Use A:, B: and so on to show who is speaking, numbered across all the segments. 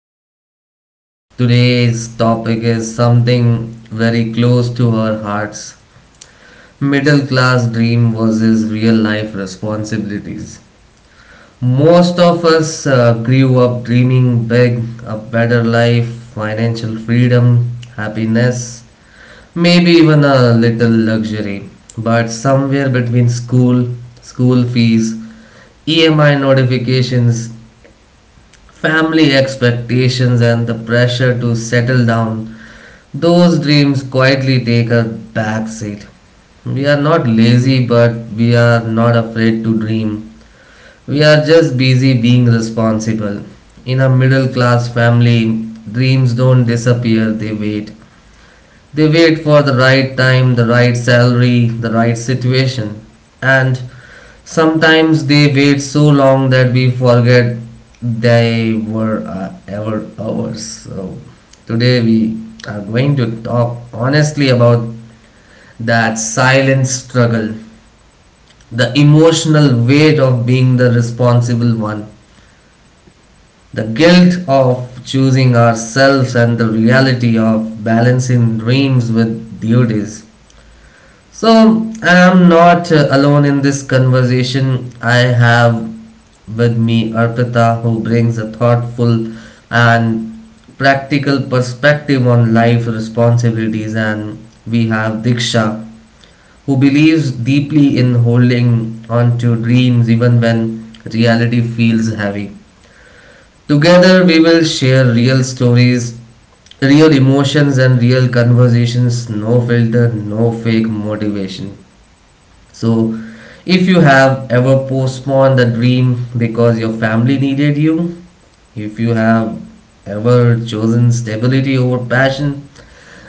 A: podcast. Today's topic is something very close to our hearts: middle class dream versus real life responsibilities. Most of us grew up dreaming big, a better life, financial freedom, happiness, maybe even a little luxury. But somewhere between school, fees, EMI notifications, family expectations and the pressure to settle down, those dreams quietly take a back seat. We are not lazy, but we are not afraid to dream. We are just busy being responsible. In a middle class family, dreams don't disappear, they wait. They wait for the right time, the right salary, the right situation. And sometimes they wait so long that we forget they were ever ours. So today we are going to talk honestly about that silent struggle, the emotional weight of being the responsible one, the guilt of choosing ourselves, and the reality of balancing dreams with duties. So, and I'm not alone in this conversation. I have with me Arpita, who brings a thoughtful and practical perspective on life responsibilities, and we have Diksha, who believes deeply in holding on to dreams even when reality feels heavy. Together, we will share real stories, real emotions, and real conversations. No filter, no fake motivation. So, if you have ever postponed the dream because your family needed you, if you have ever chosen stability over passion,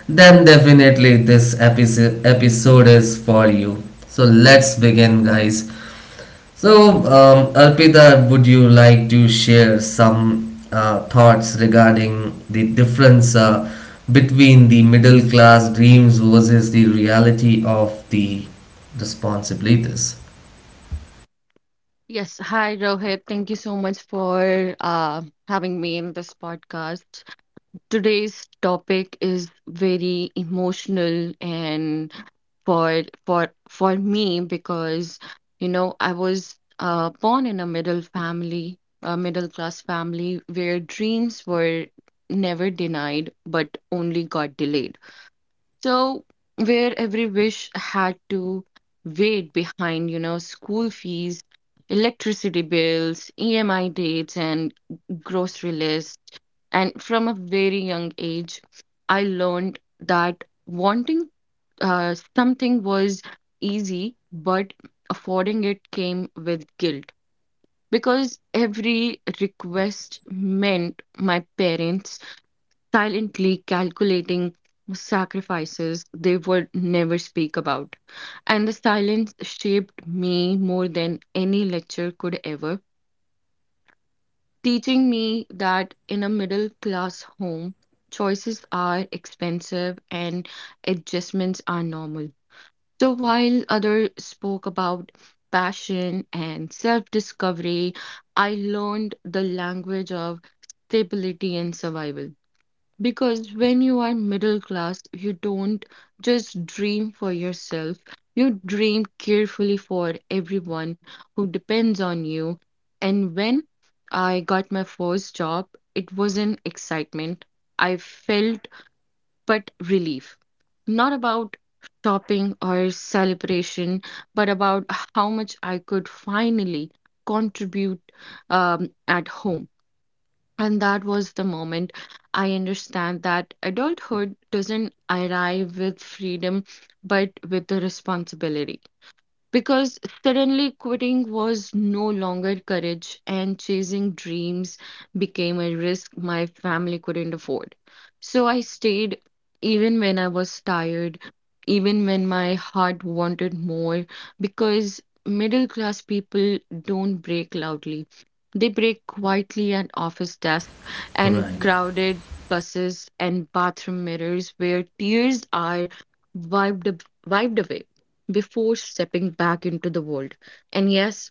A: then definitely this episode is for you. So let's begin, guys. So, Arpita, would you like to share some thoughts regarding the difference between the middle class dreams versus the reality of the responsibilities?
B: Yes, hi Rohit. Thank you so much for having me in this podcast. Today's topic is very emotional and for me because you know I was born in a middle family, a middle class family where dreams were never denied but only got delayed. So, where every wish had to wait behind, you know, school fees, electricity bills, EMI dates, and grocery lists. And from a very young age, I learned that wanting something was easy, but affording it came with guilt because every request meant my parents silently calculating sacrifices they would never speak about. And the silence shaped me more than any lecture could ever, teaching me that in a middle class home, choices are expensive and adjustments are normal. So while others spoke about passion and self discovery, I learned the language of stability and survival. Because when you are middle class, you don't just dream for yourself, you dream carefully for everyone who depends on you. And when I got my first job, it was an excitement I felt, but relief. Not about shopping or celebration, but about how much I could finally contribute at home. And that was the moment I understand that adulthood doesn't arrive with freedom, but with the responsibility. Because suddenly quitting was no longer courage, and chasing dreams became a risk my family couldn't afford. So I stayed even when I was tired, even when my heart wanted more, because middle class people don't break loudly. They break quietly at office desks and
A: Right.
B: crowded buses and bathroom mirrors where tears are wiped, wiped away before stepping back into the world. And yes,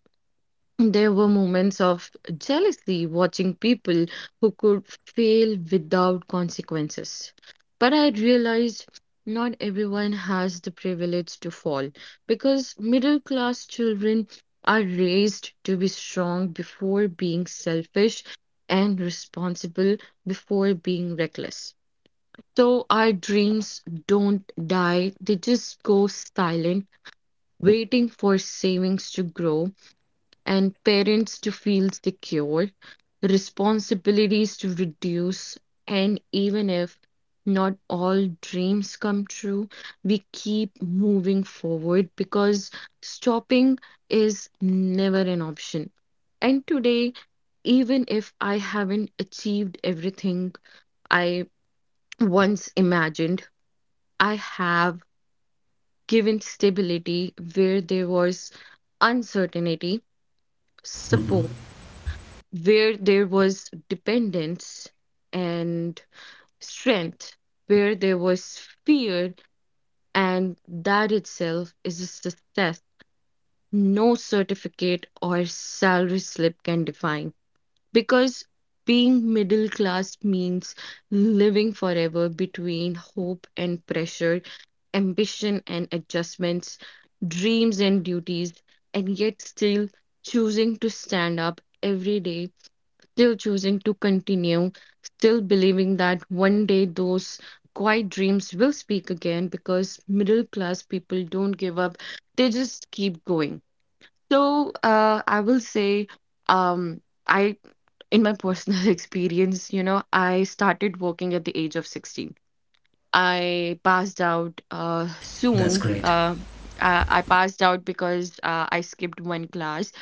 B: there were moments of jealousy watching people who could fail without consequences. But I realized not everyone has the privilege to fall because middle class children are raised to be strong before being selfish and responsible before being reckless. So our dreams don't die, they just go silent waiting for savings to grow and parents to feel secure, responsibilities to reduce, and even if not all dreams come true, we keep moving forward because stopping is never an option. And today, even if I haven't achieved everything I once imagined, I have given stability where there was uncertainty,
A: Hmm.
B: support where there was dependence, and strength where there was fear, and that itself is a success no certificate or salary slip can define. Because being middle class means living forever between hope and pressure, ambition and adjustments, dreams and duties, and yet still choosing to stand up every day, still choosing to continue, still believing that one day those quiet dreams will speak again because middle class people don't give up, they just keep going. So I will say, um, I in my personal experience, you know, I started working at the age of 16. I passed out
A: That's
B: soon.
A: great.
B: I passed out because I skipped one class.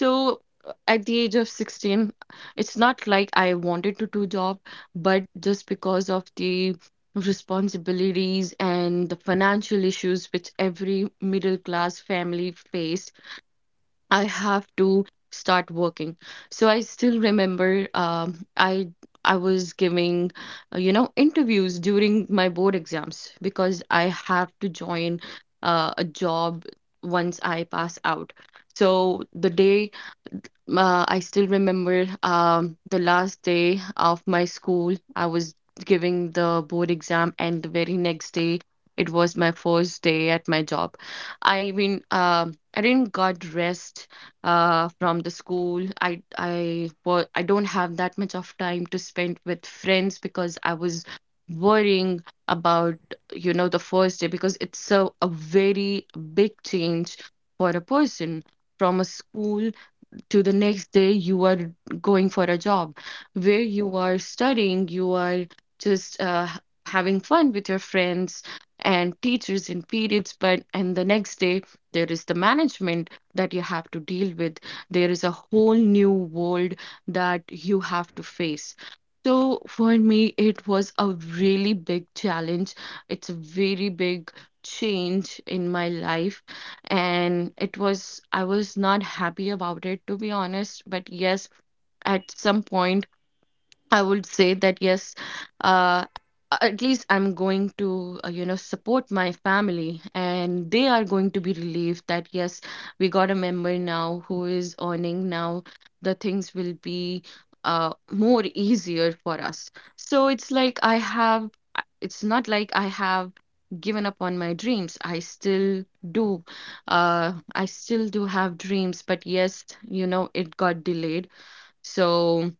B: So at the age of 16, it's not like I wanted to do job, but just because of the responsibilities and the financial issues which every middle class family face, I have to start working. So I still remember I was giving you know interviews during my board exams because I have to join a job once I pass out. So the day I still remember the last day of my school. I was giving the board exam, and the very next day, it was my first day at my job. I mean, I didn't got rest from the school. I well, I don't have that much of time to spend with friends because I was worrying about you know the first day because it's a very big change for a person from a school to the next day you are going for a job where you are studying, you are just having fun with your friends and teachers in periods, but and the next day there is the management that you have to deal with. There is a whole new world that you have to face. So for me it was a really big challenge. It's a very big change in my life, and it was, I was not happy about it to be honest. But yes, at some point. I would say that yes, uh, at least I'm going to, you know, support my family, and they are going to be relieved that yes, we got a member now who is earning now. The things will be more easier for us. So it's like I have, it's not like I have given up on my dreams. Do, I still do have dreams, but yes, you know, it got delayed. So.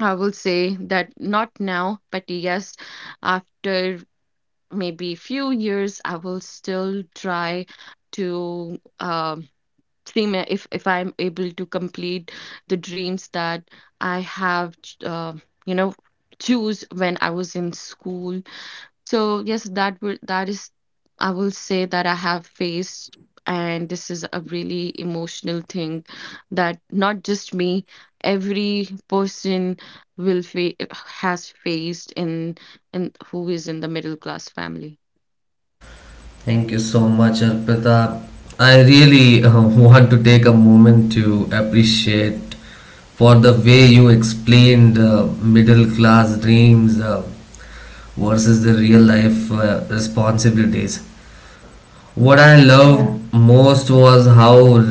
B: I will say that not now, but yes, after maybe few years, I will still try to see my, if I'm able to complete the dreams that I have, you know, choose when I was in school. So yes, that will, that is, I will say that I have faced, and this is a really emotional thing that not just me, every person will fa has faced in who is in the middle class family.
A: Thank you so much, Arpita. I really want to take a moment to appreciate for the way you explained middle class dreams versus the real life responsibilities. What I loved
C: Yeah.
A: most was how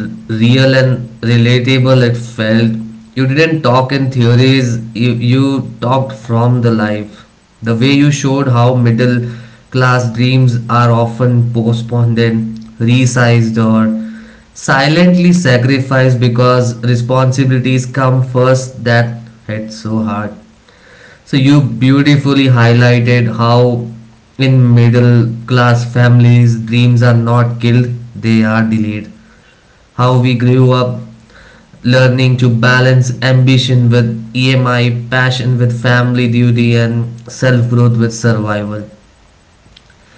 A: real and relatable it felt. You didn't talk in theories, you talked from the life. The way you showed how middle class dreams are often postponed and resized or silently sacrificed because responsibilities come first, that hit so hard. So you
C: Mhm.
A: beautifully highlighted how in middle class families dreams are not killed, they are delayed. How we grew up learning to balance ambition with EMI, passion with family duty and self growth with survival.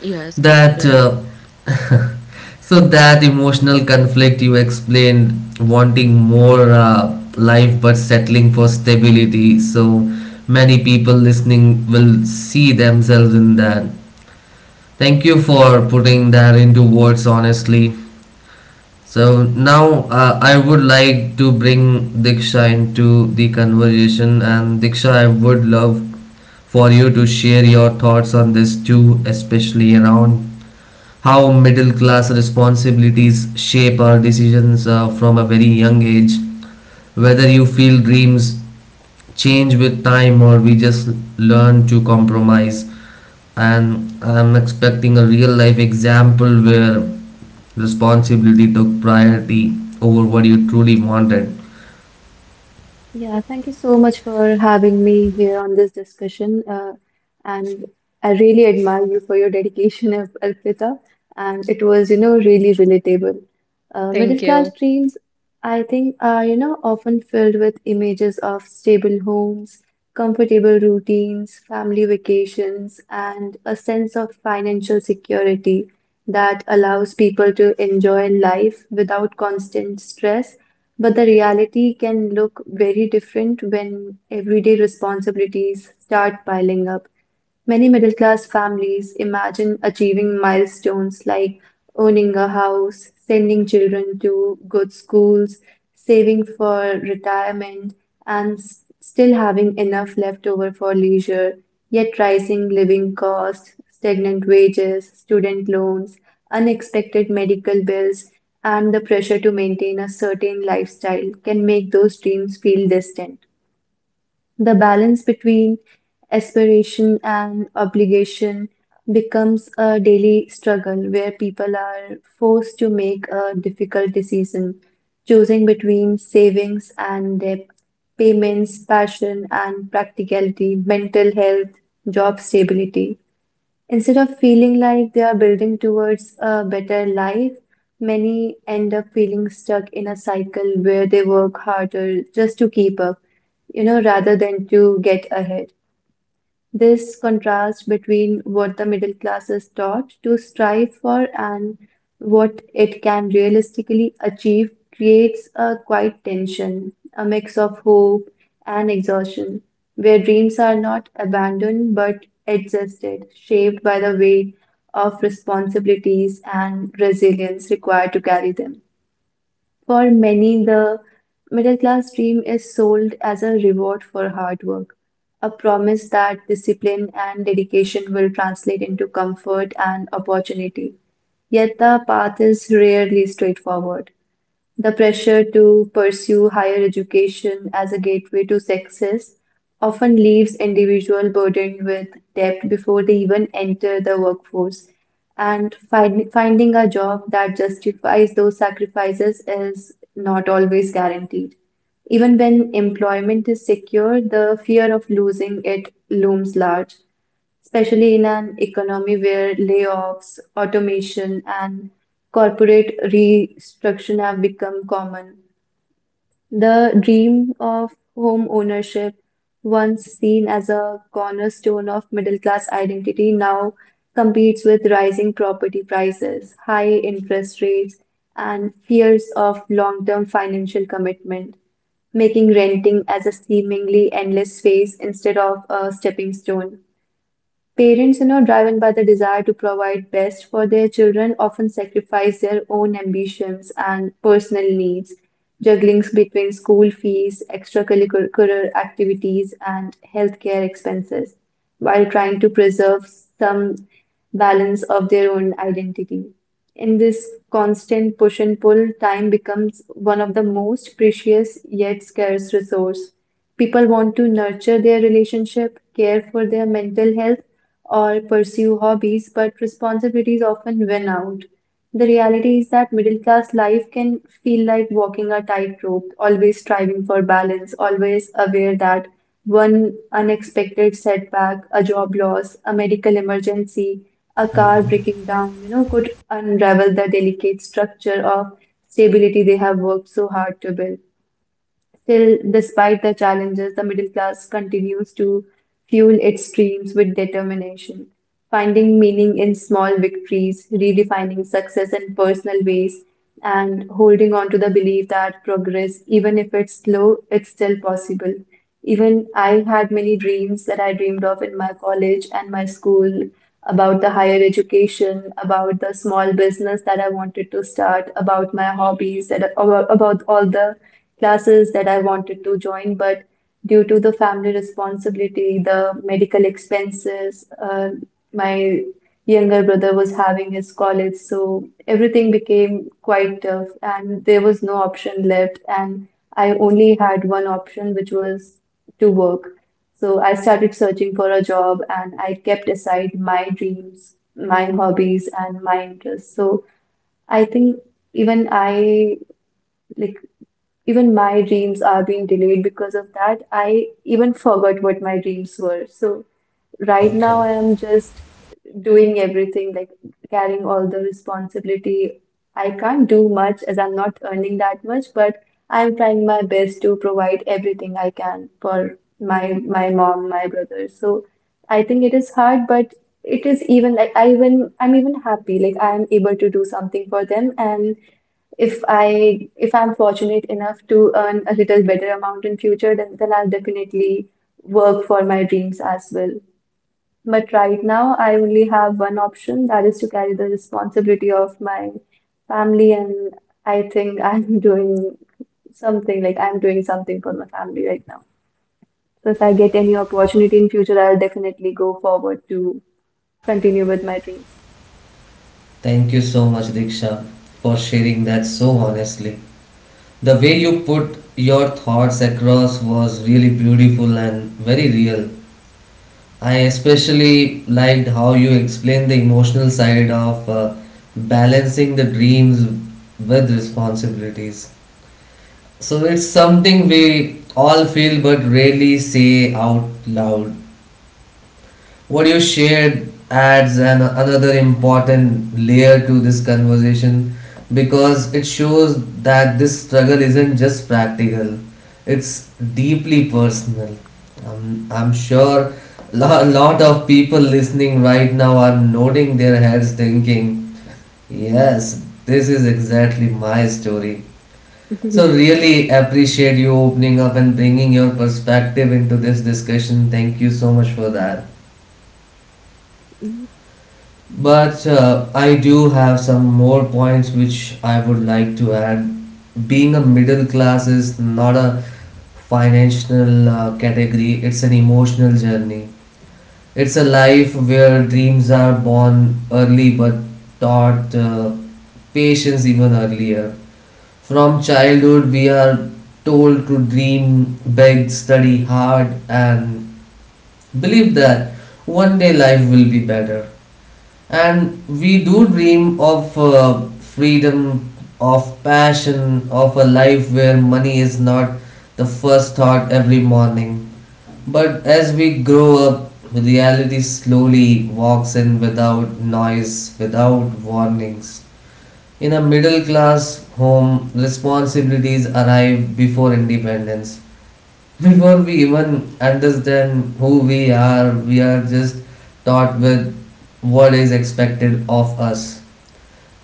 B: Yes, that's
A: That
B: right.
A: so that emotional conflict you explained, wanting more life but settling for stability. So many people listening will see themselves in that. Thank you for putting that into words honestly. So now I would like to bring Diksha into the conversation, and Diksha, I would love for you to share your thoughts on this too, especially around how middle class responsibilities shape our decisions from a very young age, whether you feel dreams change with time or we just learn to compromise, and I'm expecting a real life example where responsibility took priority over what you truly wanted.
C: Yeah. Thank you so much for having me here on this discussion. And I really admire you for your dedication, Arpita. And it was, you know, really relatable. Middle
B: Thank
C: class
B: you.
C: dreams, I think, are, you know, often filled with images of stable homes, comfortable routines, family vacations, and a sense of financial security that allows people to enjoy life without constant stress. But the reality can look very different when everyday responsibilities start piling up. Many middle class families imagine achieving milestones like owning a house, sending children to good schools, saving for retirement, and still having enough left over for leisure, yet rising living costs, stagnant wages, student loans, unexpected medical bills, and the pressure to maintain a certain lifestyle can make those dreams feel distant. The balance between aspiration and obligation becomes a daily struggle where people are forced to make a difficult decision, choosing between savings and debt, payments, passion and practicality, mental health, job stability. Instead of feeling like they are building towards a better life, many end up feeling stuck in a cycle where they work harder just to keep up, you know, rather than to get ahead. This contrast between what the middle class is taught to strive for and what it can realistically achieve creates a quiet tension, a mix of hope and exhaustion, where dreams are not abandoned but adjusted, shaped by the weight of responsibilities and resilience required to carry them. For many, the middle class dream is sold as a reward for hard work, a promise that discipline and dedication will translate into comfort and opportunity. Yet the path is rarely straightforward. The pressure to pursue higher education as a gateway to success often leaves individuals burdened with debt before they even enter the workforce. Finding a job that justifies those sacrifices is not always guaranteed. Even when employment is secure, the fear of losing it looms large, especially in an economy where layoffs, automation, and corporate restructuring have become common. The dream of home ownership, once seen as a cornerstone of middle class identity, now competes with rising property prices, high interest rates, and fears of long-term financial commitment making renting as a seemingly endless phase instead of a stepping stone. Parents, you know, driven by the desire to provide best for their children, often sacrifice their own ambitions and personal needs, juggling between school fees, extracurricular activities, and healthcare expenses, while trying to preserve some balance of their own identity. In this constant push and pull, time becomes one of the most precious yet scarce resource. People want to nurture their relationship, care for their mental health, or pursue hobbies, but responsibilities often win out. The reality is that middle class life can feel like walking a tightrope, always striving for balance, always aware that one unexpected setback, a job loss, a medical emergency, a car breaking down, you know, could unravel the delicate structure of stability they have worked so hard to build. Still, despite the challenges, the middle class continues to fuel its dreams with determination, finding meaning in small victories, redefining success in personal ways, and holding on to the belief that progress, even if it's slow, it's still possible. Even I had many dreams that I dreamed of in my college and my school about the higher education, about the small business that I wanted to start, about my hobbies, that about all the classes that I wanted to join, but due to the family responsibility, the medical expenses, my younger brother was having his college, so everything became quite tough, and there was no option left, and I only had one option, which was to work. So I started searching for a job and I kept aside my dreams, my hobbies, and my interests. So I think even I like even my dreams are being delayed because of that. I even forgot what my dreams were. So right
A: Okay.
C: now I am just doing everything, like carrying all the responsibility. I can't do much as I'm not earning that much, but I'm trying my best to provide everything I can for my mom, my brother. So I think it is hard, but it is even like I'm even happy. Like I am able to do something for them, and if I'm fortunate enough to earn a little better amount in future, then I'll definitely work for my dreams as well. But right now, I only have one option, that is to carry the responsibility of my family, and I think I'm doing something like I'm doing something for my family right now. So if I get any opportunity in future, I'll definitely go forward to continue with my dreams.
A: Thank you so much, Diksha, for sharing that so honestly. The way you put your thoughts across was really beautiful and very real. I especially liked how you explained the emotional side of balancing the dreams with responsibilities. So it's something we all feel but rarely say out loud. What you shared adds another important layer to this conversation because it shows that this struggle isn't just practical, it's deeply personal. I'm sure a lot of people listening right now are nodding their heads thinking, yes, this is exactly my story.
C: Thank
A: So, really appreciate you opening up and bringing your perspective into this discussion. Thank you so much for that. But I do have some more points which I would like to add. Being a middle class is not a financial category, it's an emotional journey. It's a life where dreams are born early but taught patience even earlier. From childhood, we are told to dream, beg, study hard, and believe that one day life will be better. And we do dream of freedom, of passion, of a life where money is not the first thought every morning. But as we grow up, reality slowly walks in without noise, without warnings. In a middle class home, responsibilities arrive before independence. Before we even understand who we are just taught with what is expected of us.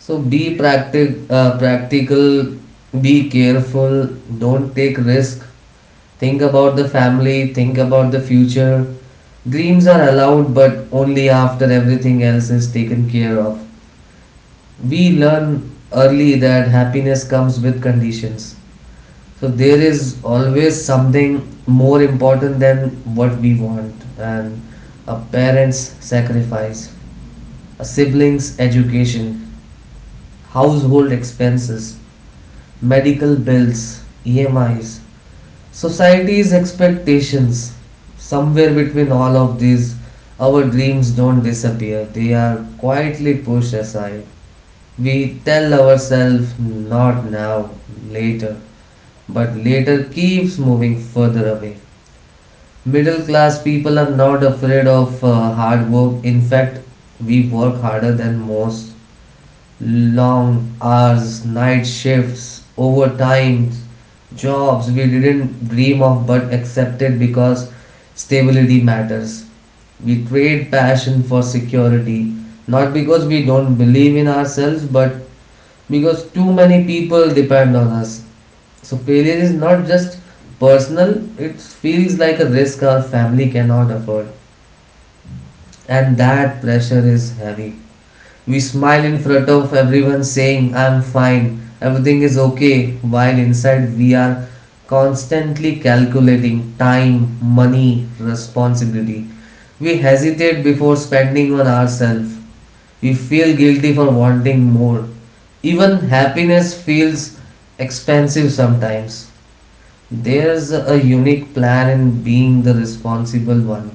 A: So be practical, be careful, don't take risk, think about the family, think about the future. Dreams are allowed, but only after everything else is taken care of. We learn early that happiness comes with conditions. So there is always something more important than what we want, and a parent's sacrifice, a sibling's education, household expenses, medical bills, E M I's, society's expectations. Somewhere between all of these, our dreams don't disappear, they are quietly pushed aside. We tell ourselves, not now, later, but later keeps moving further away. Middle class people are not afraid of hard work. In fact, we work harder than most. Long hours, night shifts, overtime, jobs we didn't dream of but accepted because stability matters. We trade passion for security, not because we don't believe in ourselves, but because too many people depend on us. So, failure is not just personal, it feels like a risk our family cannot afford. And that pressure is heavy. We smile in front of everyone saying, I'm fine, everything is okay, while inside we are constantly calculating time, money, responsibility. We hesitate before spending on ourselves. We feel guilty for wanting more. Even happiness feels expensive sometimes. There's a unique plan in being the responsible one,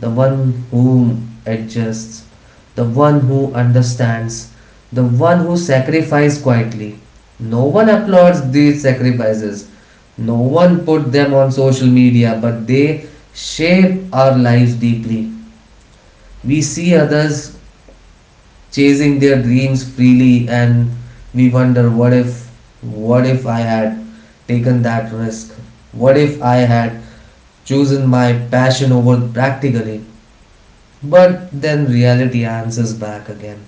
A: the one who adjusts, the one who understands, the one who sacrifices quietly. No one applauds these sacrifices. No one put them on social media, but they shape our lives deeply. We see others chasing their dreams freely and we wonder what if, what if I had taken that risk? What if I had chosen my passion over practically? But then reality answers back again.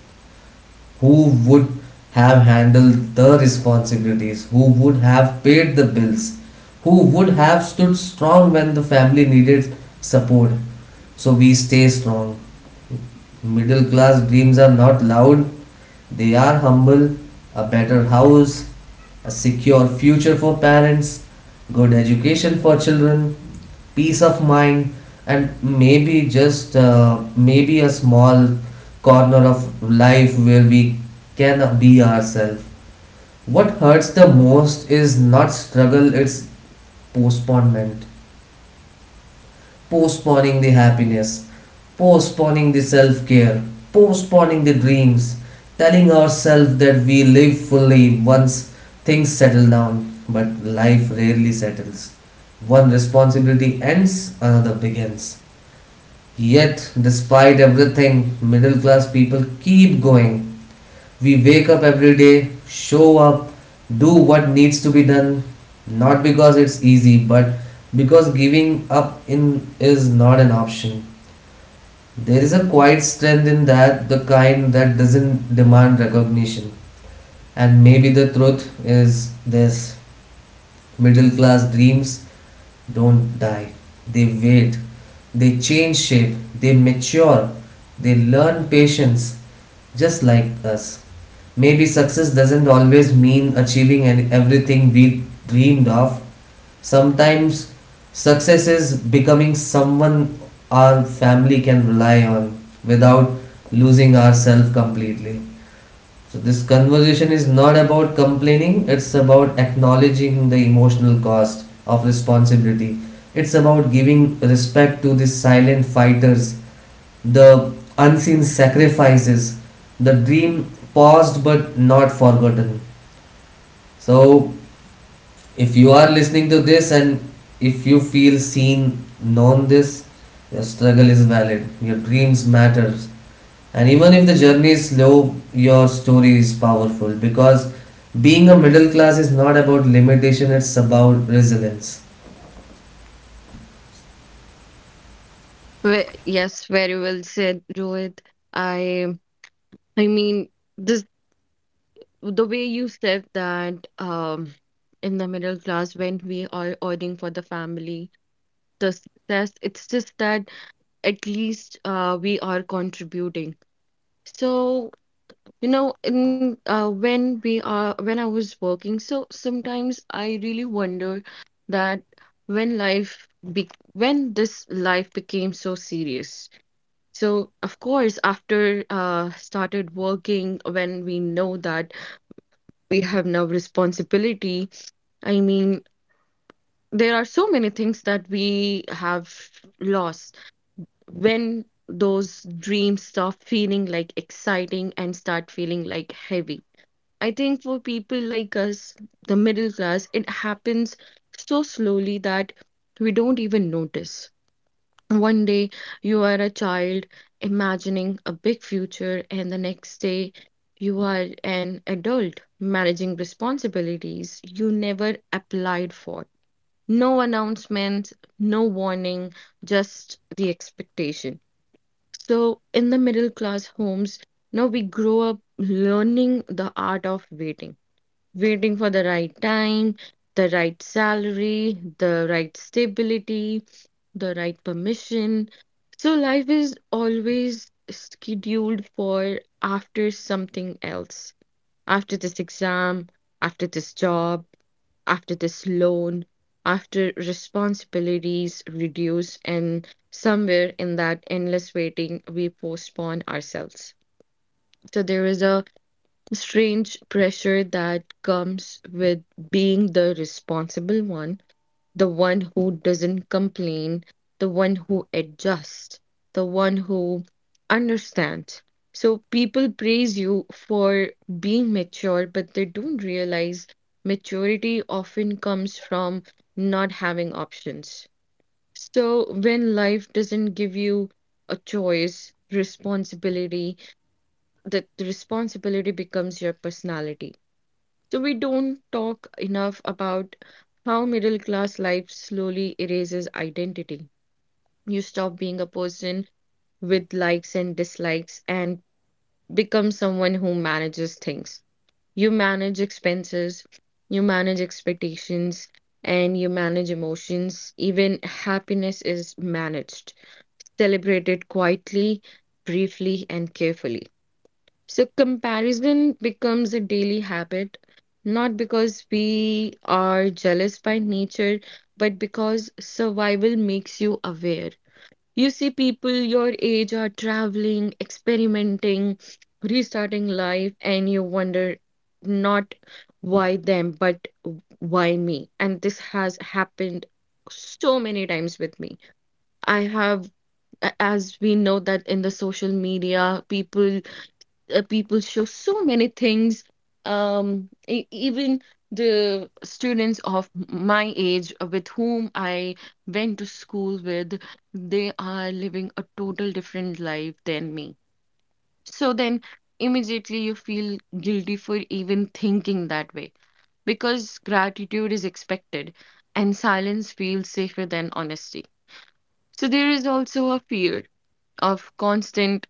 A: Who would have handled the responsibilities? Who would have paid the bills? Who would have stood strong when the family needed support? So we stay strong. Middle class dreams are not loud, they are humble. A better house, a secure future for parents, good education for children, peace of mind, and maybe just maybe a small corner of life where we can be ourselves. What hurts the most is not struggle, it's postponement. Postponing the happiness, postponing the self-care, postponing the dreams, telling ourselves that we live fully once things settle down. But life rarely settles. One responsibility ends, another begins. Yet, despite everything, middle class people keep going. We wake up every day, show up, do what needs to be done, not because it's easy, but because giving up in is not an option. There is a quiet strength in that, the kind that doesn't demand recognition. And maybe the truth is this: middle class dreams don't die. They wait. They change shape. They mature. They learn patience, just like us. Maybe success doesn't always mean achieving everything we dreamed of. Sometimes success is becoming someone our family can rely on without losing ourselves completely. So this conversation is not about complaining, it's about acknowledging the emotional cost of responsibility. It's about giving respect to the silent fighters, the unseen sacrifices, the dream paused but not forgotten. So if you are listening to this and if you feel seen, known this, your struggle is valid. Your dreams matter. And even if the journey is slow, your story is powerful because being a middle class is not about limitation, it's about resilience.
B: Yes, very well said, Rohit. I I mean, this, the way you said that in the middle class when we are ordering for the family, the success. It's just that at least we are contributing. So, you know, in when we are when I was working, so sometimes I really wonder that when life be when this life became so serious. So, of course, after started working, when we know that we have now responsibility, I mean, there are so many things that we have lost when those dreams stop feeling like exciting and start feeling like heavy. I think for people like us, the middle class, it happens so slowly that we don't even notice. One day you are a child imagining a big future, and the next day you are an adult managing responsibilities you never applied for. No announcement, no warning, just the expectation. So, in the middle class homes, now we grow up learning the art of waiting, waiting for the right time, the right salary, the right stability, the right permission. So, life is always scheduled for after something else. After this exam, after this job, after this loan, after responsibilities reduce, and somewhere in that endless waiting, we postpone ourselves. So there is a strange pressure that comes with being the responsible one, the one who doesn't complain, the one who adjusts, the one who understands. So people praise you for being mature, but they don't realize maturity often comes from not having options. So when life doesn't give you a choice, responsibility, that the responsibility becomes your personality. So we don't talk enough about how middle class life slowly erases identity. You stop being a person with likes and dislikes and become someone who manages things. You manage expenses, you manage expectations, and you manage emotions. Even happiness is managed, celebrated quietly, briefly, and carefully. So comparison becomes a daily habit, not because we are jealous by nature, but because survival makes you aware. You see people your age are traveling, experimenting, restarting life, and you wonder not why them, but why me? And this has happened so many times with me. I have, as we know that in the social media, people show so many things. Even the students of my age with whom I went to school with, they are living a total different life than me. So then immediately you feel guilty for even thinking that way because gratitude is expected and silence feels safer than honesty. So there is also a fear of constant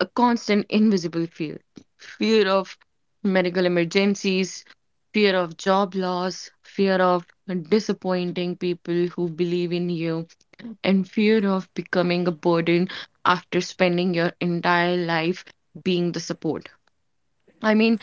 B: a constant invisible fear, of medical emergencies, fear of job loss, fear of disappointing people who believe in you, and fear of becoming a burden after spending your entire life being the support. I mean,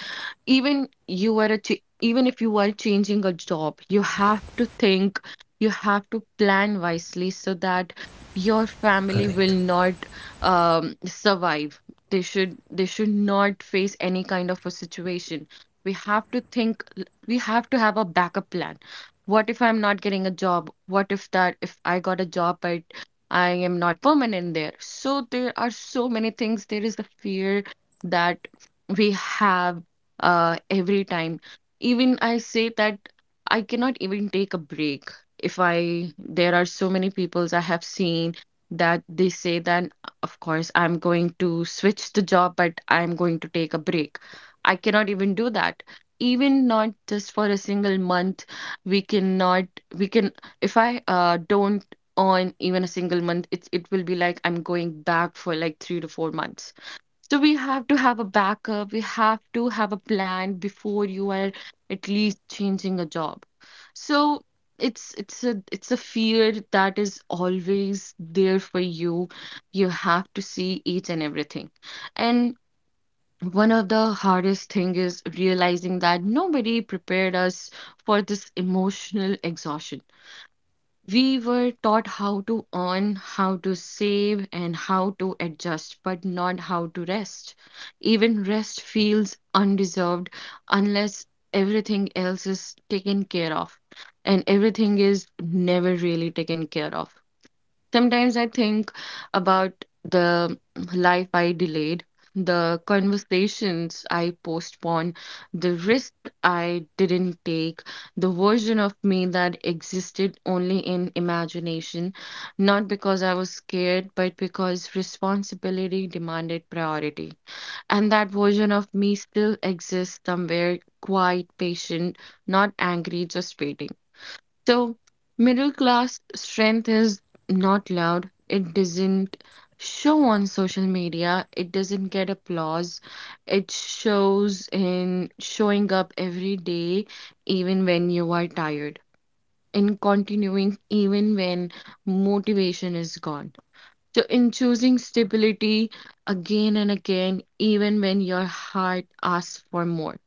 B: even if you were changing a job, you have to think, you have to plan wisely so that your family will
A: Correct.
B: not survive. They should not face any kind of a situation. We have to think, we have to have a backup plan. What if I'm not getting a job? What if that if I got a job but I am not permanent there? So there are so many things. There is the fear that we have every time. Even I say that I cannot even take a break. If I, There are so many peoples I have seen that they say that, of course, I'm going to switch the job, but I'm going to take a break. I cannot even do that. Even not just for a single month, we cannot, we can, if I don't earn even a single month, it will be like I'm going back for like 3 to 4 months, so we have to have a backup. We have to have a plan before you are at least changing a job. So it's a fear that is always there for you. You have to see each and everything. And one of the hardest thing is realizing that nobody prepared us for this emotional exhaustion. We were taught how to earn, how to save, and how to adjust, but not how to rest. Even rest feels undeserved unless everything else is taken care of, and everything is never really taken care of. Sometimes I think about the life I delayed, the conversations I postponed, the risk I didn't take, the version of me that existed only in imagination, not because I was scared, but because responsibility demanded priority. And that version of me still exists somewhere, quiet, patient, not angry, just waiting. So middle-class strength is not loud. It doesn't show on social media. It doesn't get applause. It shows in showing up every day, even when you are tired, in continuing even when motivation is gone. So, in choosing stability again and again, even when your heart asks for more.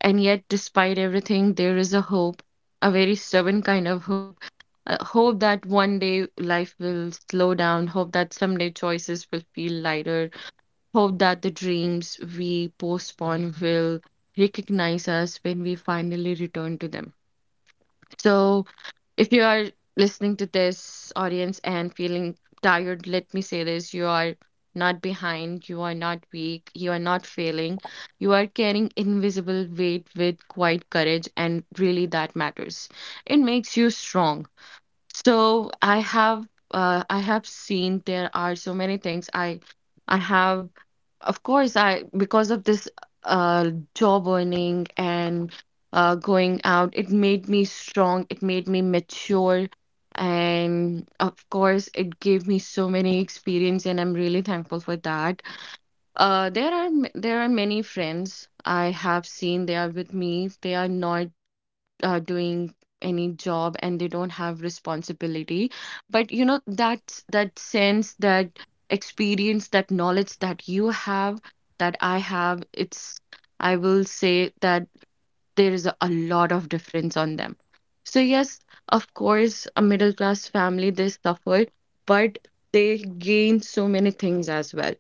B: And yet, despite everything, there is a hope, a very stubborn kind of hope. A hope that one day life will slow down, hope that someday choices will feel lighter, hope that the dreams we postpone will recognize us when we finally return to them. So if you are listening to this audience and feeling tired, let me say this: you are not behind, you are not weak, you are not failing. You are carrying invisible weight with quiet courage, and really that matters. It makes you strong. So I have seen there are so many things I have of course I, because of this job, earning and going out, it made me strong, it made me mature, and of course it gave me so many experience and I'm really thankful for that. There are many friends I have seen. They are with me. They are not doing any job and they don't have responsibility, but you know that that sense, that experience, that knowledge that you have, that I have, it's, I will say that there is a lot of difference on them. So yes, of course a middle class family, they suffered, but they gained so many things as well.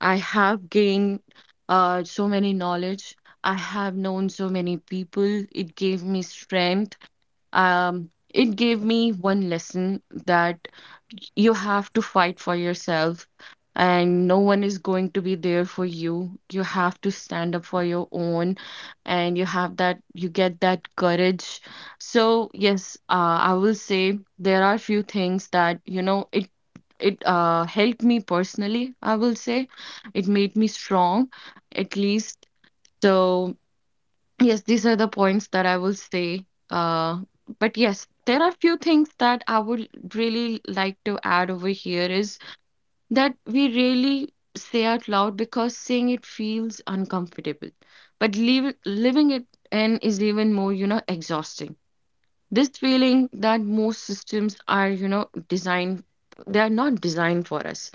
B: I have gained so many knowledge. I have known so many people. It gave me strength. It gave me one lesson that you have to fight for yourself and no one is going to be there for you. You have to stand up for your own and you have that, you get that courage. So, yes, I will say there are few things that, you know, it helped me personally, I will say. It made me strong, at least. So yes, these are the points that I will say. But yes, there are few things that I would really like to add over here is that we really say out loud because saying it feels uncomfortable, but living it in is even more, you know, exhausting. This feeling that most systems are, you know, designed, they are not designed for us.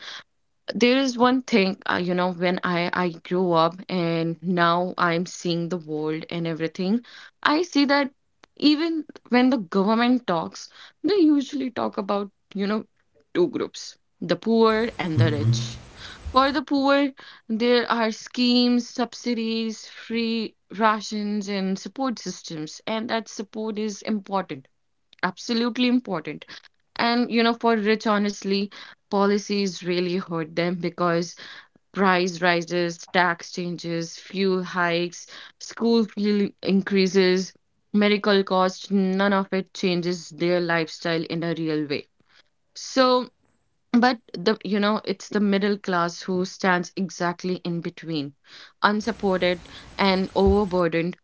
B: There is one thing, you know, when I grew up and now I'm seeing the world and everything, I see that even when the government talks, they usually talk about, you know, two groups: the poor and the
A: Hmm.
B: rich. For the poor there are schemes, subsidies, free rations and support systems, and that support is important, absolutely important. And, you know, for rich, honestly, policies really hurt them because price rises, tax changes, fuel hikes, school fee increases, medical costs, none of it changes their lifestyle in a real way. So, but, the you know, it's the middle class who stands exactly in between, unsupported and overburdened,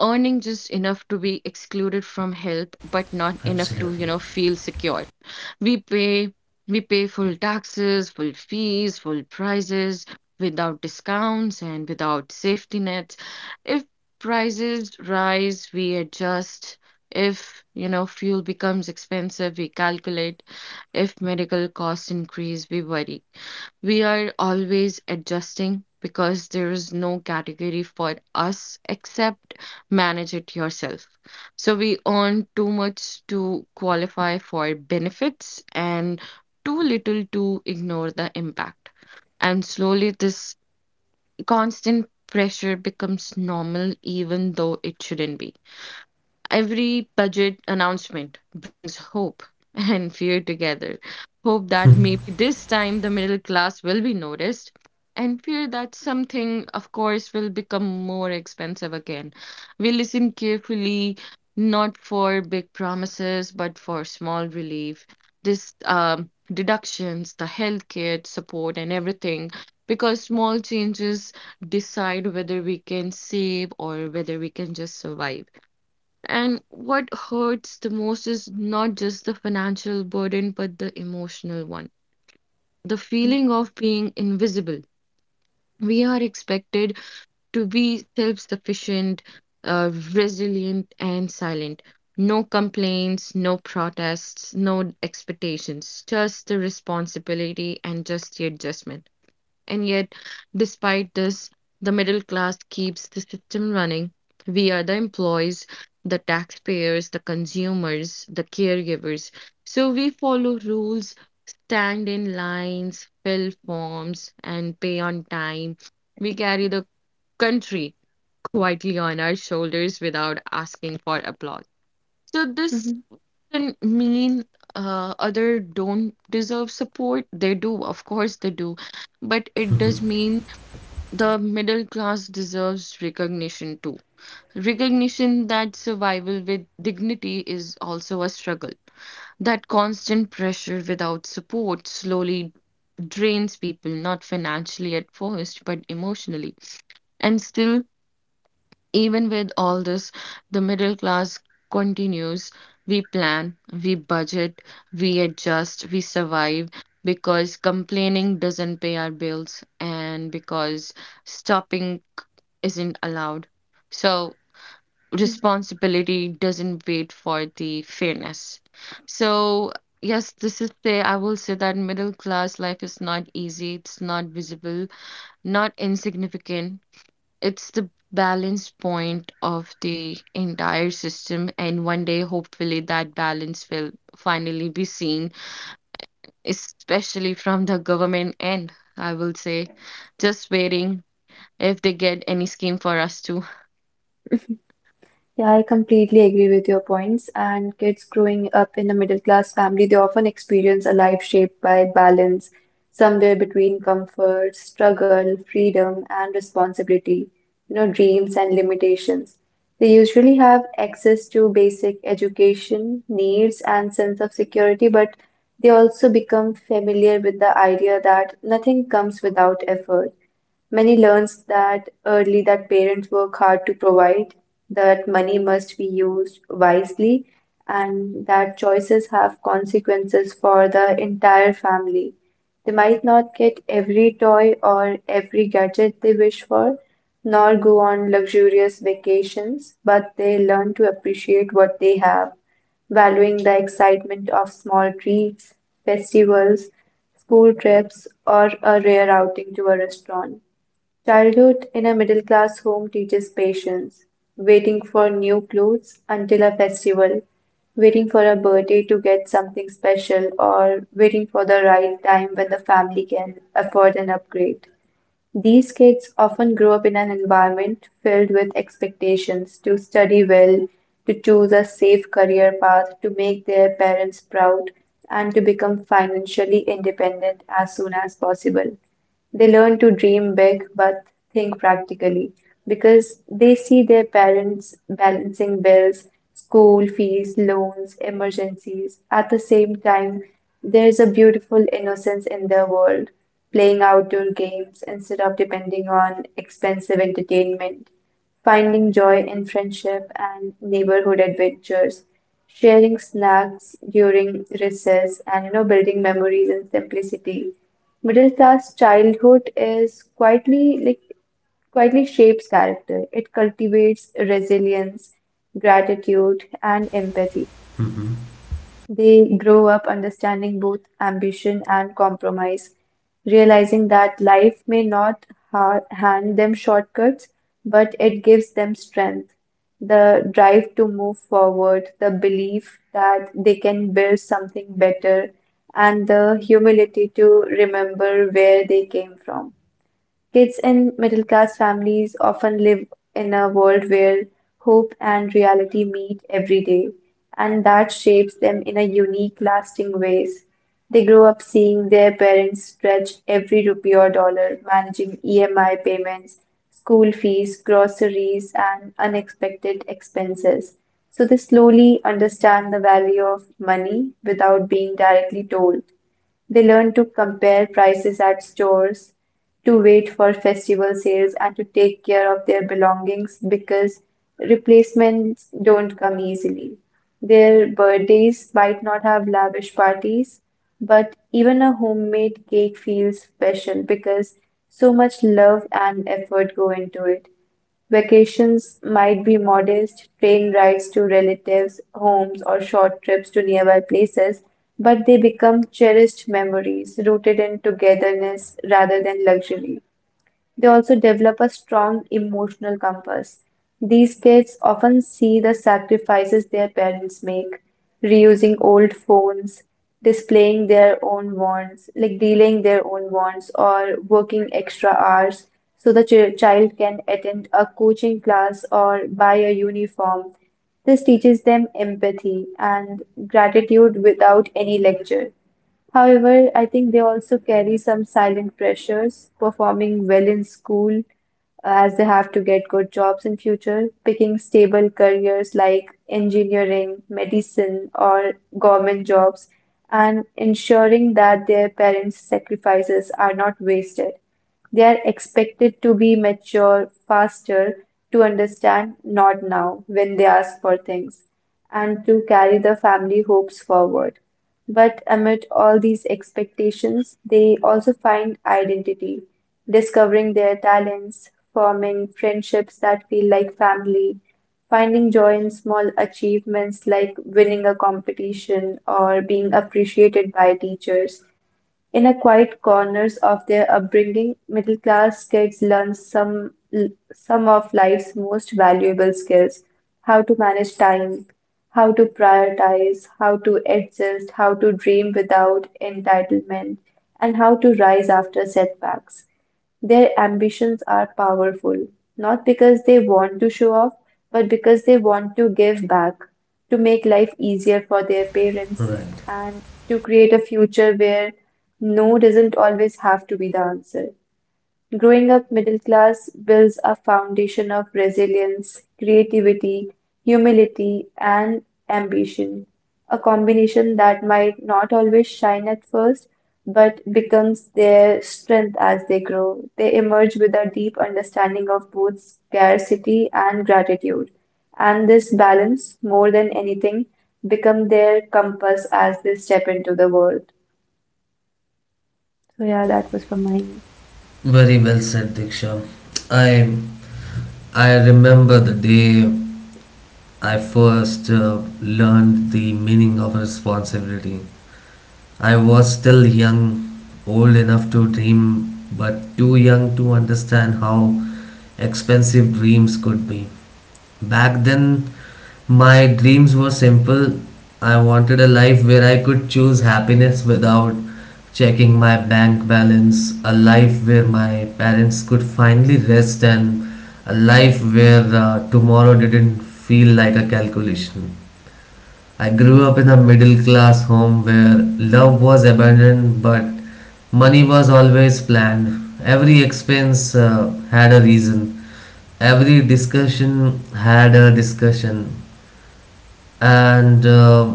B: earning just enough to be excluded from help, but not enough to, you
A: Absolutely.
B: know, feel secure. We pay we pay full taxes, full fees, full prices, without discounts and without safety nets. If prices rise, we adjust. If, you know, fuel becomes expensive, we calculate. If medical costs increase, we worry. We are always adjusting because there is no category for us except manage it yourself. So we earn too much to qualify for benefits and too little to ignore the impact. And slowly, this constant pressure becomes normal, even though it shouldn't be. Every budget announcement brings hope and fear together. Hope that
A: Hmm.
B: maybe this time the middle class will be noticed, and fear that something, of course, will become more expensive again. We listen carefully, not for big promises, but for small relief. This deductions, the healthcare support, and everything, because small changes decide whether we can save or whether we can just survive. And what hurts the most is not just the financial burden, but the emotional one. The feeling of being invisible. We are expected to be self sufficient, resilient, and silent. No complaints, no protests, no expectations, just the responsibility and just the adjustment. And yet, despite this, the middle class keeps the system running. We are the employees, the taxpayers, the consumers, the caregivers. So we follow rules, stand in lines, fill forms, and pay on time. We carry the country quietly on our shoulders without asking for applause. So this
C: you.
B: doesn't mean other don't deserve support. They do, of course they do, but it does mean the middle class deserves recognition too. Recognition that survival with dignity is also a struggle. That constant pressure without support slowly drains people, not financially at first, but emotionally. And still, even with all this, the middle class continues. We plan, we budget, we adjust, we survive because complaining doesn't pay our bills and because stopping isn't allowed. So responsibility doesn't wait for the fairness. So yes, this is the, I will say that middle class life is not easy, it's not visible, not insignificant. It's the balance point of the entire system, and one day, hopefully, that balance will finally be seen, especially from the government end. I will say, just waiting if they get any scheme for us to.
C: Yeah, I completely agree with your points. And kids growing up in a middle class family, they often experience a life shaped by balance, somewhere between comfort, struggle, freedom, and responsibility, you know, dreams and limitations. They usually have access to basic education, needs, and sense of security, but they also become familiar with the idea that nothing comes without effort. Many learns that early, that parents work hard to provide, that money must be used wisely, and that choices have consequences for the entire family. They might not get every toy or every gadget they wish for, nor go on luxurious vacations, but they learn to appreciate what they have, valuing the excitement of small treats, festivals, school trips, or a rare outing to a restaurant. Childhood in a middle class home teaches patience, waiting for new clothes until a festival, waiting for a birthday to get something special, or waiting for the right time when the family can afford an upgrade. These kids often grow up in an environment filled with expectations to study well, to choose a safe career path, to make their parents proud, and to become financially independent as soon as possible. They learn to dream big but think practically because they see their parents balancing bills, school fees, loans, emergencies. At the same time, there's a beautiful innocence in their world, playing outdoor games instead of depending on expensive entertainment, finding joy in friendship and neighborhood adventures, sharing snacks during recess, and you know, building memories in simplicity. Middle class childhood is quietly shapes character. It cultivates resilience, gratitude, and empathy. They grow up understanding both ambition and compromise, realizing that life may not ha hand them shortcuts, but it gives them strength, the drive to move forward, the belief that they can build something better, and the humility to remember where they came from. Kids in middle class families often live in a world where hope and reality meet every day, and that shapes them in a unique, lasting ways. They grow up seeing their parents stretch every rupee or dollar, managing EMI payments, school fees, groceries, and unexpected expenses. So they slowly understand the value of money without being directly told. They learn to compare prices at stores, to wait for festival sales, and to take care of their belongings because replacements don't come easily. Their birthdays might not have lavish parties, but even a homemade cake feels special because so much love and effort go into it. Vacations might be modest, train rides to relatives' homes, or short trips to nearby places, but they become cherished memories rooted in togetherness rather than luxury. They also develop a strong emotional compass. These kids often see the sacrifices their parents make, reusing old phones, displaying their own wants, like delaying their own wants, or working extra hours so the child can attend a coaching class or buy a uniform. This teaches them empathy and gratitude without any lecture. However, I think they also carry some silent pressures, performing well in school as they have to get good jobs in future, picking stable careers like engineering, medicine, or government jobs, and ensuring that their parents' sacrifices are not wasted. They are expected to be mature faster, to understand not now when they ask for things, and to carry the family hopes forward. But amid all these expectations, they also find identity, discovering their talents, forming friendships that feel like family, finding joy in small achievements like winning a competition or being appreciated by teachers. In a quiet corners of their upbringing, middle-class kids learn some of life's most valuable skills: how to manage time, how to prioritize, how to adjust, how to dream without entitlement, and how to rise after setbacks. Their ambitions are powerful, not because they want to show off, but because they want to give back, to make life easier for their parents,
A: Right.
C: and to create a future where no doesn't always have to be the answer. Growing up middle class builds a foundation of resilience, creativity, humility, and ambition, a combination that might not always shine at first, but becomes their strength as they grow. They emerge with a deep understanding of both scarcity and gratitude, and this balance, more than anything, become their compass as they step into the world. So yeah, that was for mine.
A: Very well said, Diksha. I I remember the day I first learned the meaning of responsibility. I was still young, old enough to dream, but too young to understand how expensive dreams could be. Back then, my dreams were simple. I wanted a life where I could choose happiness without checking my bank balance, a life where my parents could finally rest, and a life where tomorrow didn't feel like a calculation. I grew up in a middle class home where love was abandoned but money was always planned. Every expense had a reason. Every discussion had a discussion and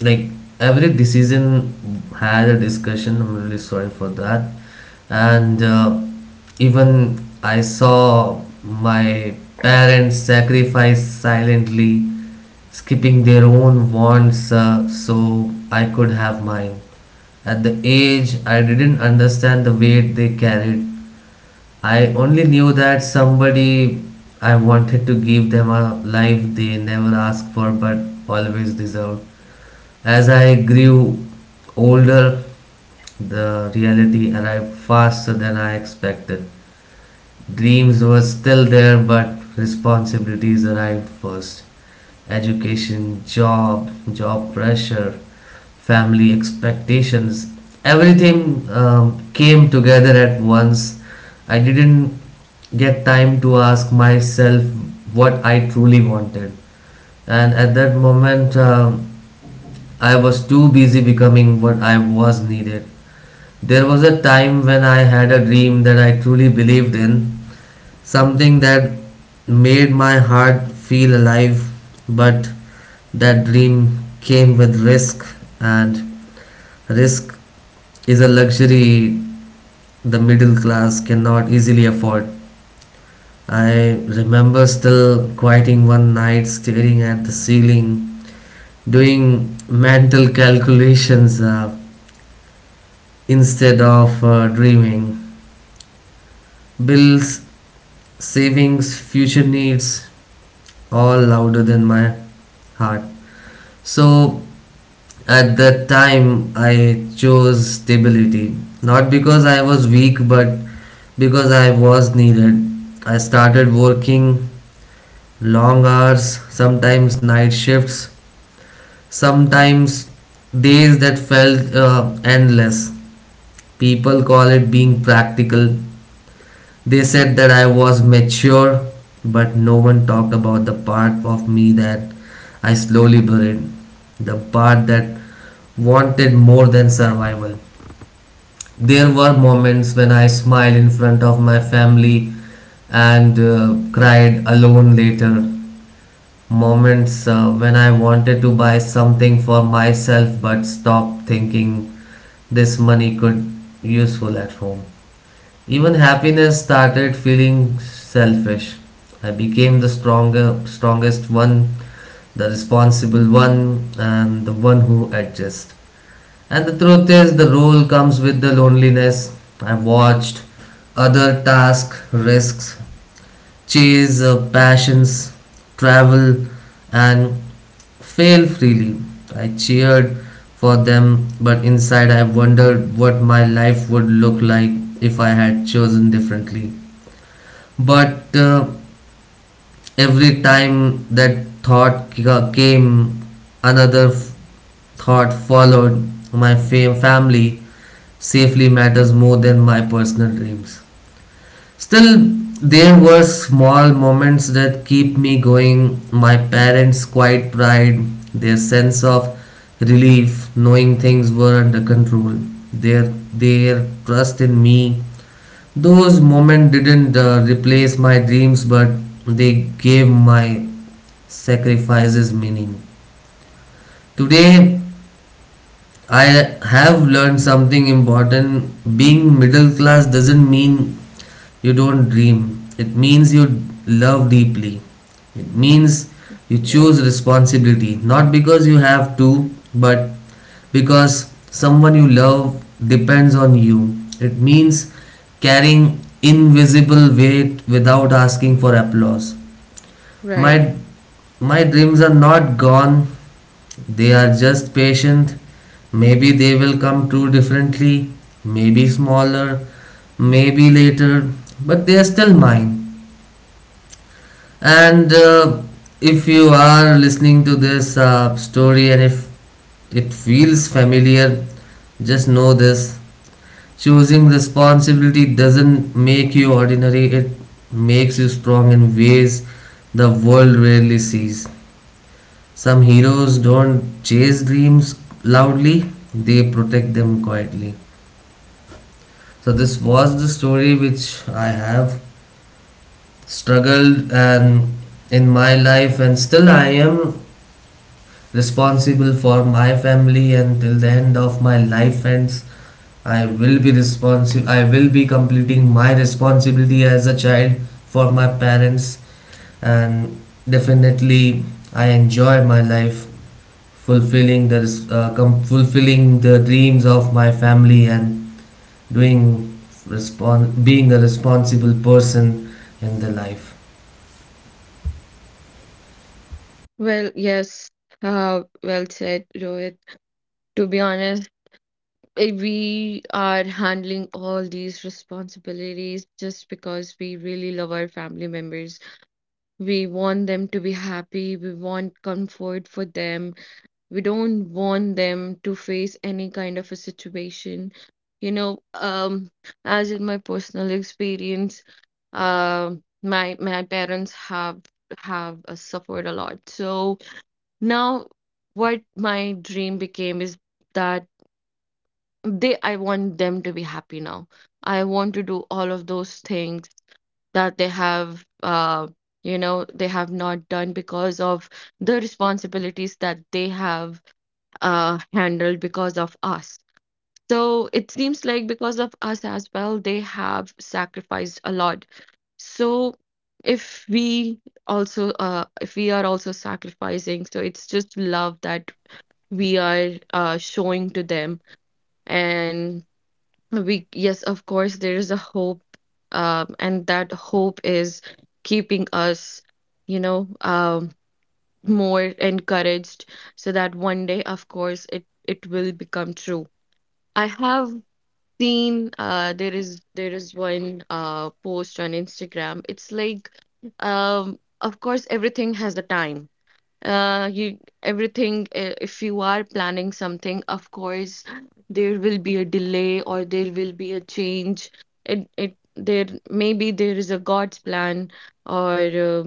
A: like every decision had a discussion, I'm really sorry for that. And
C: Mhm,
A: even I saw my parents sacrifice silently, skipping their own wants so I could have mine. At the age I didn't understand the weight they carried, I only knew that somebody I wanted to give them a life they never asked for but always deserved. As I grew older, the reality arrived faster than I expected. Dreams were still there, but responsibilities arrived first. Education, job, job pressure, family expectations, everything came together at once. I didn't get time to ask myself what I truly wanted. And at that moment, I was too busy becoming what I was needed. There was a time when I had a dream that I truly believed in, something that made my heart feel alive, but that dream came with risk, and risk is a luxury the middle class cannot easily afford. I remember still quieting one night, staring at the ceiling, doing mental calculations instead of dreaming. Bills, savings, future needs, all louder than my heart. So at that time, I chose stability, not because I was weak, but because I was needed. I started working long hours, sometimes night shifts, sometimes days that felt endless. People call it being practical. They said that I was mature, but no one talked about the part of me that I slowly buried, the part that wanted more than survival. There were moments when I smiled in front of my family and cried alone later. Moments when I wanted to buy something for myself but stopped thinking this money could be useful at home. Even happiness started feeling selfish. I became the stronger, strongest one, the responsible one, and the one who adjusts. And the truth is, the role comes with the loneliness. I watched other tasks, risks, chase passions, travel, and fail freely. I cheered for them, but inside I wondered what my life would look like if I had chosen differently. But every time that thought came, another thought followed. My family safely matters more than my personal dreams. Still, there were small moments that keep me going. My parents' quiet pride, their sense of relief, knowing things were under control, their their trust in me, those moments didn't replace my dreams, but they gave my sacrifices meaning. Today, I have learned something important. Being middle class doesn't mean you don't dream, it means you love deeply. It means you
B: Right,
A: choose responsibility, not because you have to, but because someone you love depends on you. It means carrying invisible weight without asking for applause.
B: right.
A: My my dreams are not gone. They are just patient. Maybe they will come true differently, maybe smaller, maybe later, but they are still mine. And if you are listening to this story and if it feels familiar, just know this, choosing responsibility doesn't make you ordinary, it makes you strong in ways the world rarely sees. Some heroes don't chase dreams loudly, they protect them quietly. So, this was the story which I have struggled and in my life, and still I am responsible for my family until the end of my life ends. I will be responsible, I will be completing my responsibility as a child for my parents, and definitely I enjoy my life fulfilling the fulfilling the dreams of my family and doing being a responsible person in the life.
B: Well, yes, well said, Rohit. To be honest, we are handling all these responsibilities just because we really love our family members. We want them to be happy, we want comfort for them, we don't want them to face any kind of a situation. You know, as in my personal experience, my parents have suffered a lot. So now, what my dream became is that I want them to be happy now. I want to do all of those things that they have, you know, they have not done because of the responsibilities that they have handled because of us. So it seems like, because of us as well, they have sacrificed a lot. So if we if we are also sacrificing, so it's just love that we are showing to them. And we, yes, of course, there is a hope, and that hope is keeping us, you know, more encouraged so that one day, of course, it will become true. I have seen, there is one post on Instagram. It's like, of course everything has a time. You Everything, if you are planning something, of course there will be a delay or there will be a change. It There maybe there is a God's plan, or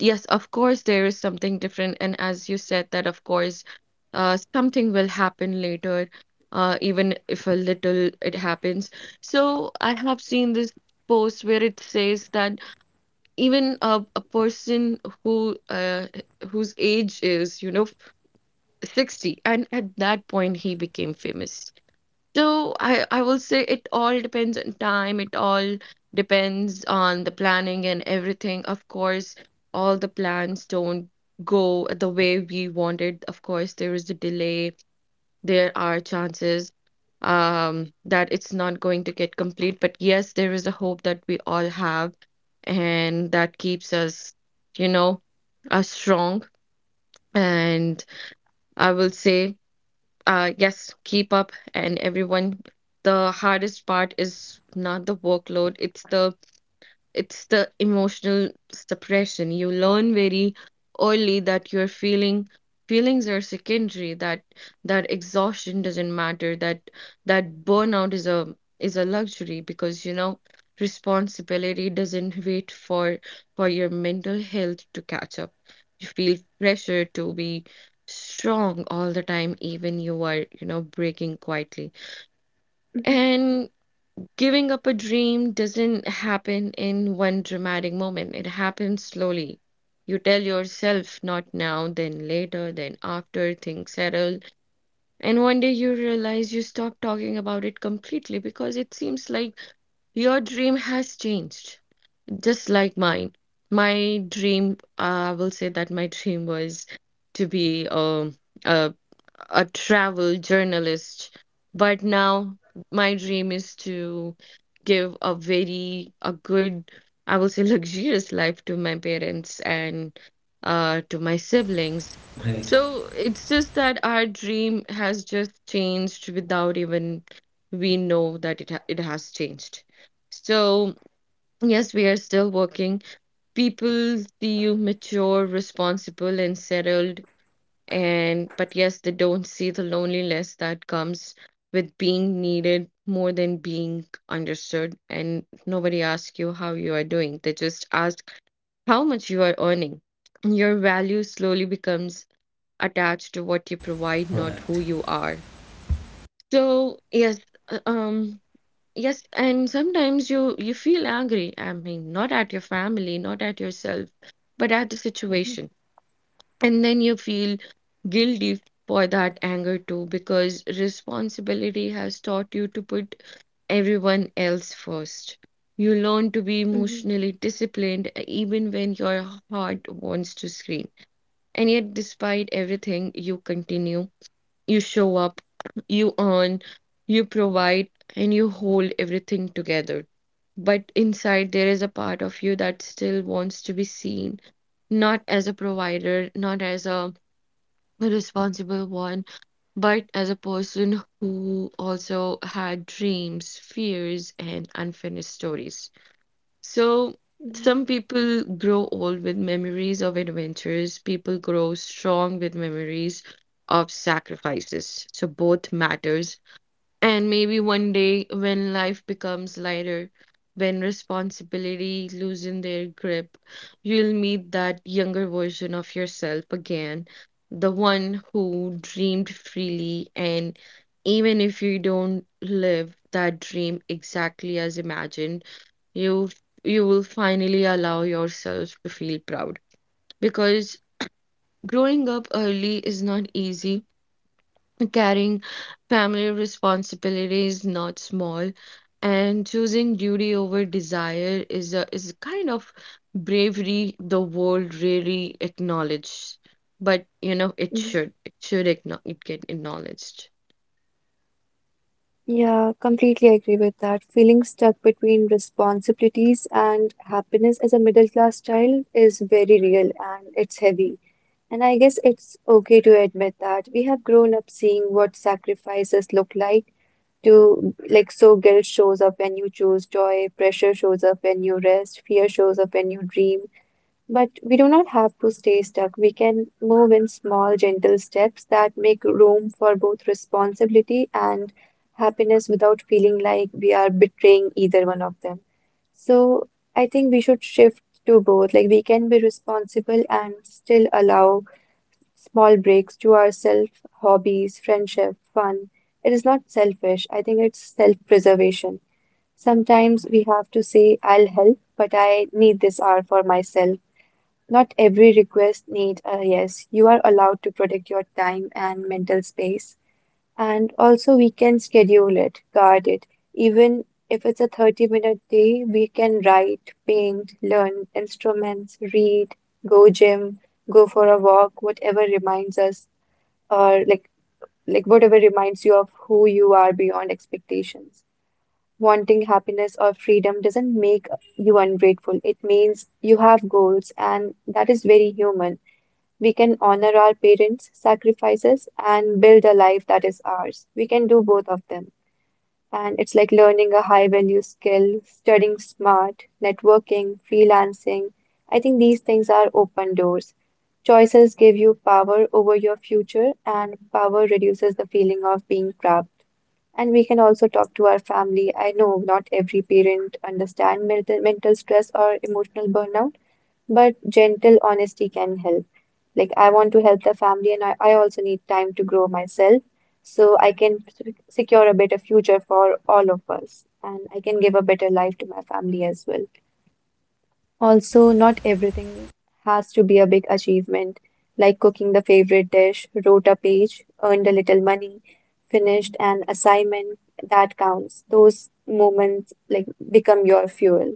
B: yes, of course there is something different. And as you said that, of course something will happen later, even if a little it happens. So I have seen this post where it says that even a person who whose age is, you know, 60, and at that point he became famous. So I will say it all depends on time, it all depends on the planning and everything. Of course all the plans don't go the way we wanted, of course there is a delay, there are chances, that it's not going to get complete. But yes, there is a hope that we all have, and that keeps us, you know, strong. And I will say, yes, keep up. And everyone, the hardest part is not the workload, it's the emotional suppression. You learn very early that your feelings are secondary, that exhaustion doesn't matter, that that burnout is a luxury because, you know, responsibility doesn't wait for your mental health to catch up. You feel pressure to be strong all the time, even you are, you know, breaking quietly.
C: mhm,
B: Giving up a dream doesn't happen in one dramatic moment, it happens slowly. You tell yourself not now, then later, then after things settle, and one day you realize you stop talking about it completely because it seems like your dream has changed. Just like mine. My dream, I will say that my dream was to be a a travel journalist. But now my dream is to give a very a good, I will say, luxurious life to my parents and to my siblings.
A: Great.
B: So it's just that our dream has just changed without even we know that it has changed. So yes, we are still working. People see you mature, responsible, and settled. And but yes, they don't see the loneliness that comes with being needed more than being understood. And nobody asks you how you are doing. They just ask how much you are earning. Your value slowly becomes attached to what you provide,
A: All
B: not who
A: right,
B: you are. So yes, uh, um, yes, and sometimes you feel angry. I mean, not at your family, not at yourself, but at the
C: mhm,
B: situation. And then you feel guilty for that anger too, because responsibility has taught you to put everyone else first. You learn to be emotionally disciplined, even when your heart wants to scream. And yet, despite everything, you continue, you show up, you earn, you provide, and you hold everything together. But inside, there is a part of you that still wants to be seen, not as a provider, not as a responsible one, but as a person who also had dreams, fears, and unfinished stories. So,
C: mhm,
B: some people grow old with memories of adventures, people grow strong with memories of sacrifices. So, both matters. And maybe one day when life becomes lighter, when responsibility loosen their grip, you'll meet that younger version of yourself again, the one who dreamed freely. And even if you don't live that dream exactly as imagined, you you will finally allow yourself to feel proud because growing up early is not easy. Carrying family responsibility is not small, and choosing duty over desire is a kind of bravery the world really acknowledges. But you know, it
C: mhm.
B: should, it should acknow it get acknowledged.
C: Yeah, completely agree with that. Feeling stuck between responsibilities and happiness as a middle class child is very real and it's heavy. And I guess it's okay to admit that we have grown up seeing what sacrifices look like to so guilt shows up when you choose joy, pressure shows up when you rest, fear shows up when you dream. But we do not have to stay stuck. We can move in small, gentle steps that make room for both responsibility and happiness without feeling like we are betraying either one of them. So I think we should shift to both. Like we can be responsible and still allow small breaks to ourselves, hobbies, friendship, fun. It is not selfish. I think it's self-preservation. Sometimes we have to say, I'll help, but I need this hour for myself, not every request need a yes. You are allowed to protect your time and mental space. And also, we can schedule it, guard it. Even if it's a 30-minute day, we can write, paint, learn instruments, read, go gym, go for a walk, whatever reminds us or like whatever reminds you of who you are beyond expectations. Wanting happiness or freedom doesn't make you ungrateful. It means you have goals, and that is very human. We can honor our parents' sacrifices and build a life that is ours. We can do both of them. And it's like learning a high value skill, studying smart, networking, freelancing. I think these things are open doors. Choices give you power over your future, and power reduces the feeling of being trapped. And we can also talk to our family. I know not every parent understand mental stress or emotional burnout, but gentle honesty can help. Like, I want to help the family, and I also need time to grow myself so I can s- secure a better future for all of us, and I can give a better life to my family as well. Also, not everything has to be a big achievement, like cooking the favorite dish, wrote a page, earned a little money, finished an assignment. That counts. Those moments like become your fuel.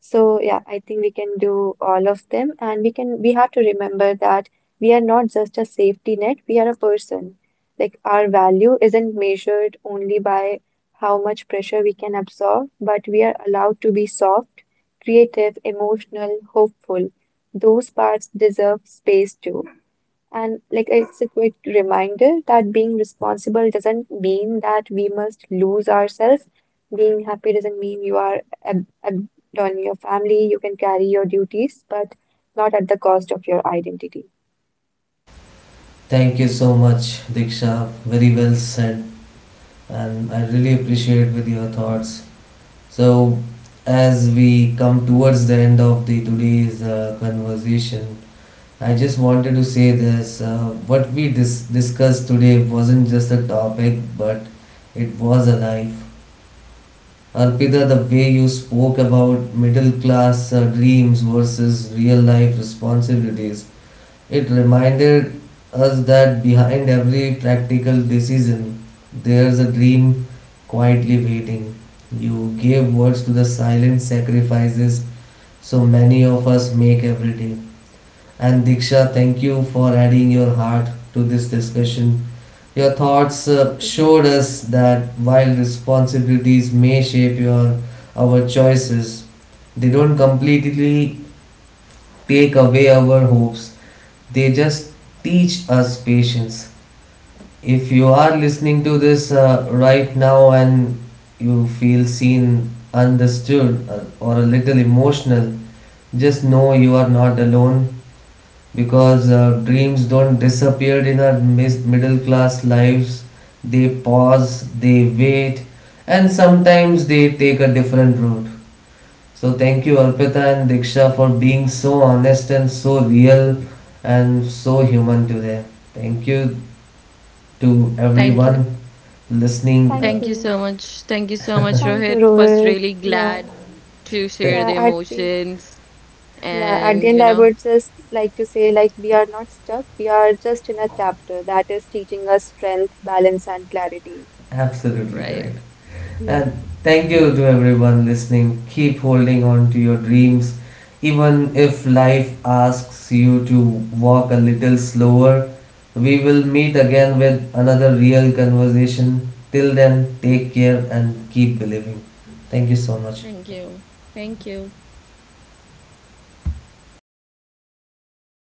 C: So yeah, I think we can do all of them and we have to remember that we are not just a safety net, we are a person. Like our value isn't measured only by how much pressure we can absorb, but we are allowed to be soft, creative, emotional, hopeful. Those parts deserve space too. And like it's a quick reminder that being responsible doesn't mean that we must lose ourselves. Being happy doesn't mean you are ab abandoning your family. You can carry your duties, but not at the cost of your identity.
A: thank you so much Diksha, very well said, and I really appreciate with your thoughts. So, as we come towards the end of the today's conversation, I just wanted to say this: what we discussed today wasn't just a topic, but it was a life. Arpita, the way you spoke about middle class dreams versus real life responsibilities, it reminded us that behind every practical decision, there's a dream quietly waiting. You gave words to the silent sacrifices so many of us make every day. And Diksha, thank you for adding your heart to this discussion. Your thoughts
C: Thank you.
A: showed us that while responsibilities may shape your our choices, they don't completely take away our hopes. They just teach us patience. If you are listening to this right now and you feel seen, understood, or a little emotional, just know you are not alone because dreams don't disappear in our middle class lives. They pause, they wait, and sometimes they take a different route. So thank you Arpita and Diksha for being so honest and so real and so human today. Thank you to
C: Thank
B: Thank you.
C: you.
A: everyone listening.
C: Thank
B: Thank you
C: you.
B: so much. Thank you so much,
C: Thank you,
B: Rohit. Was
C: Rohit.
B: really
C: Yeah.
B: glad to share
A: Th-
C: Yeah,
B: the
C: Aarti.
B: emotions
C: Yeah, at the
B: and
C: end,
B: you
C: I
B: know,
C: would just like to say, like, we are not stuck. We are just in a chapter that is teaching us strength, balance, and clarity.
A: Absolutely
B: right.
A: correct.
C: Yeah.
A: And thank you to everyone listening. Keep holding on to your dreams. Even if life asks you to walk a little slower, we will meet again with another real conversation. Till then, take care and keep believing. Thank you so much.
B: Thank you. Thank you.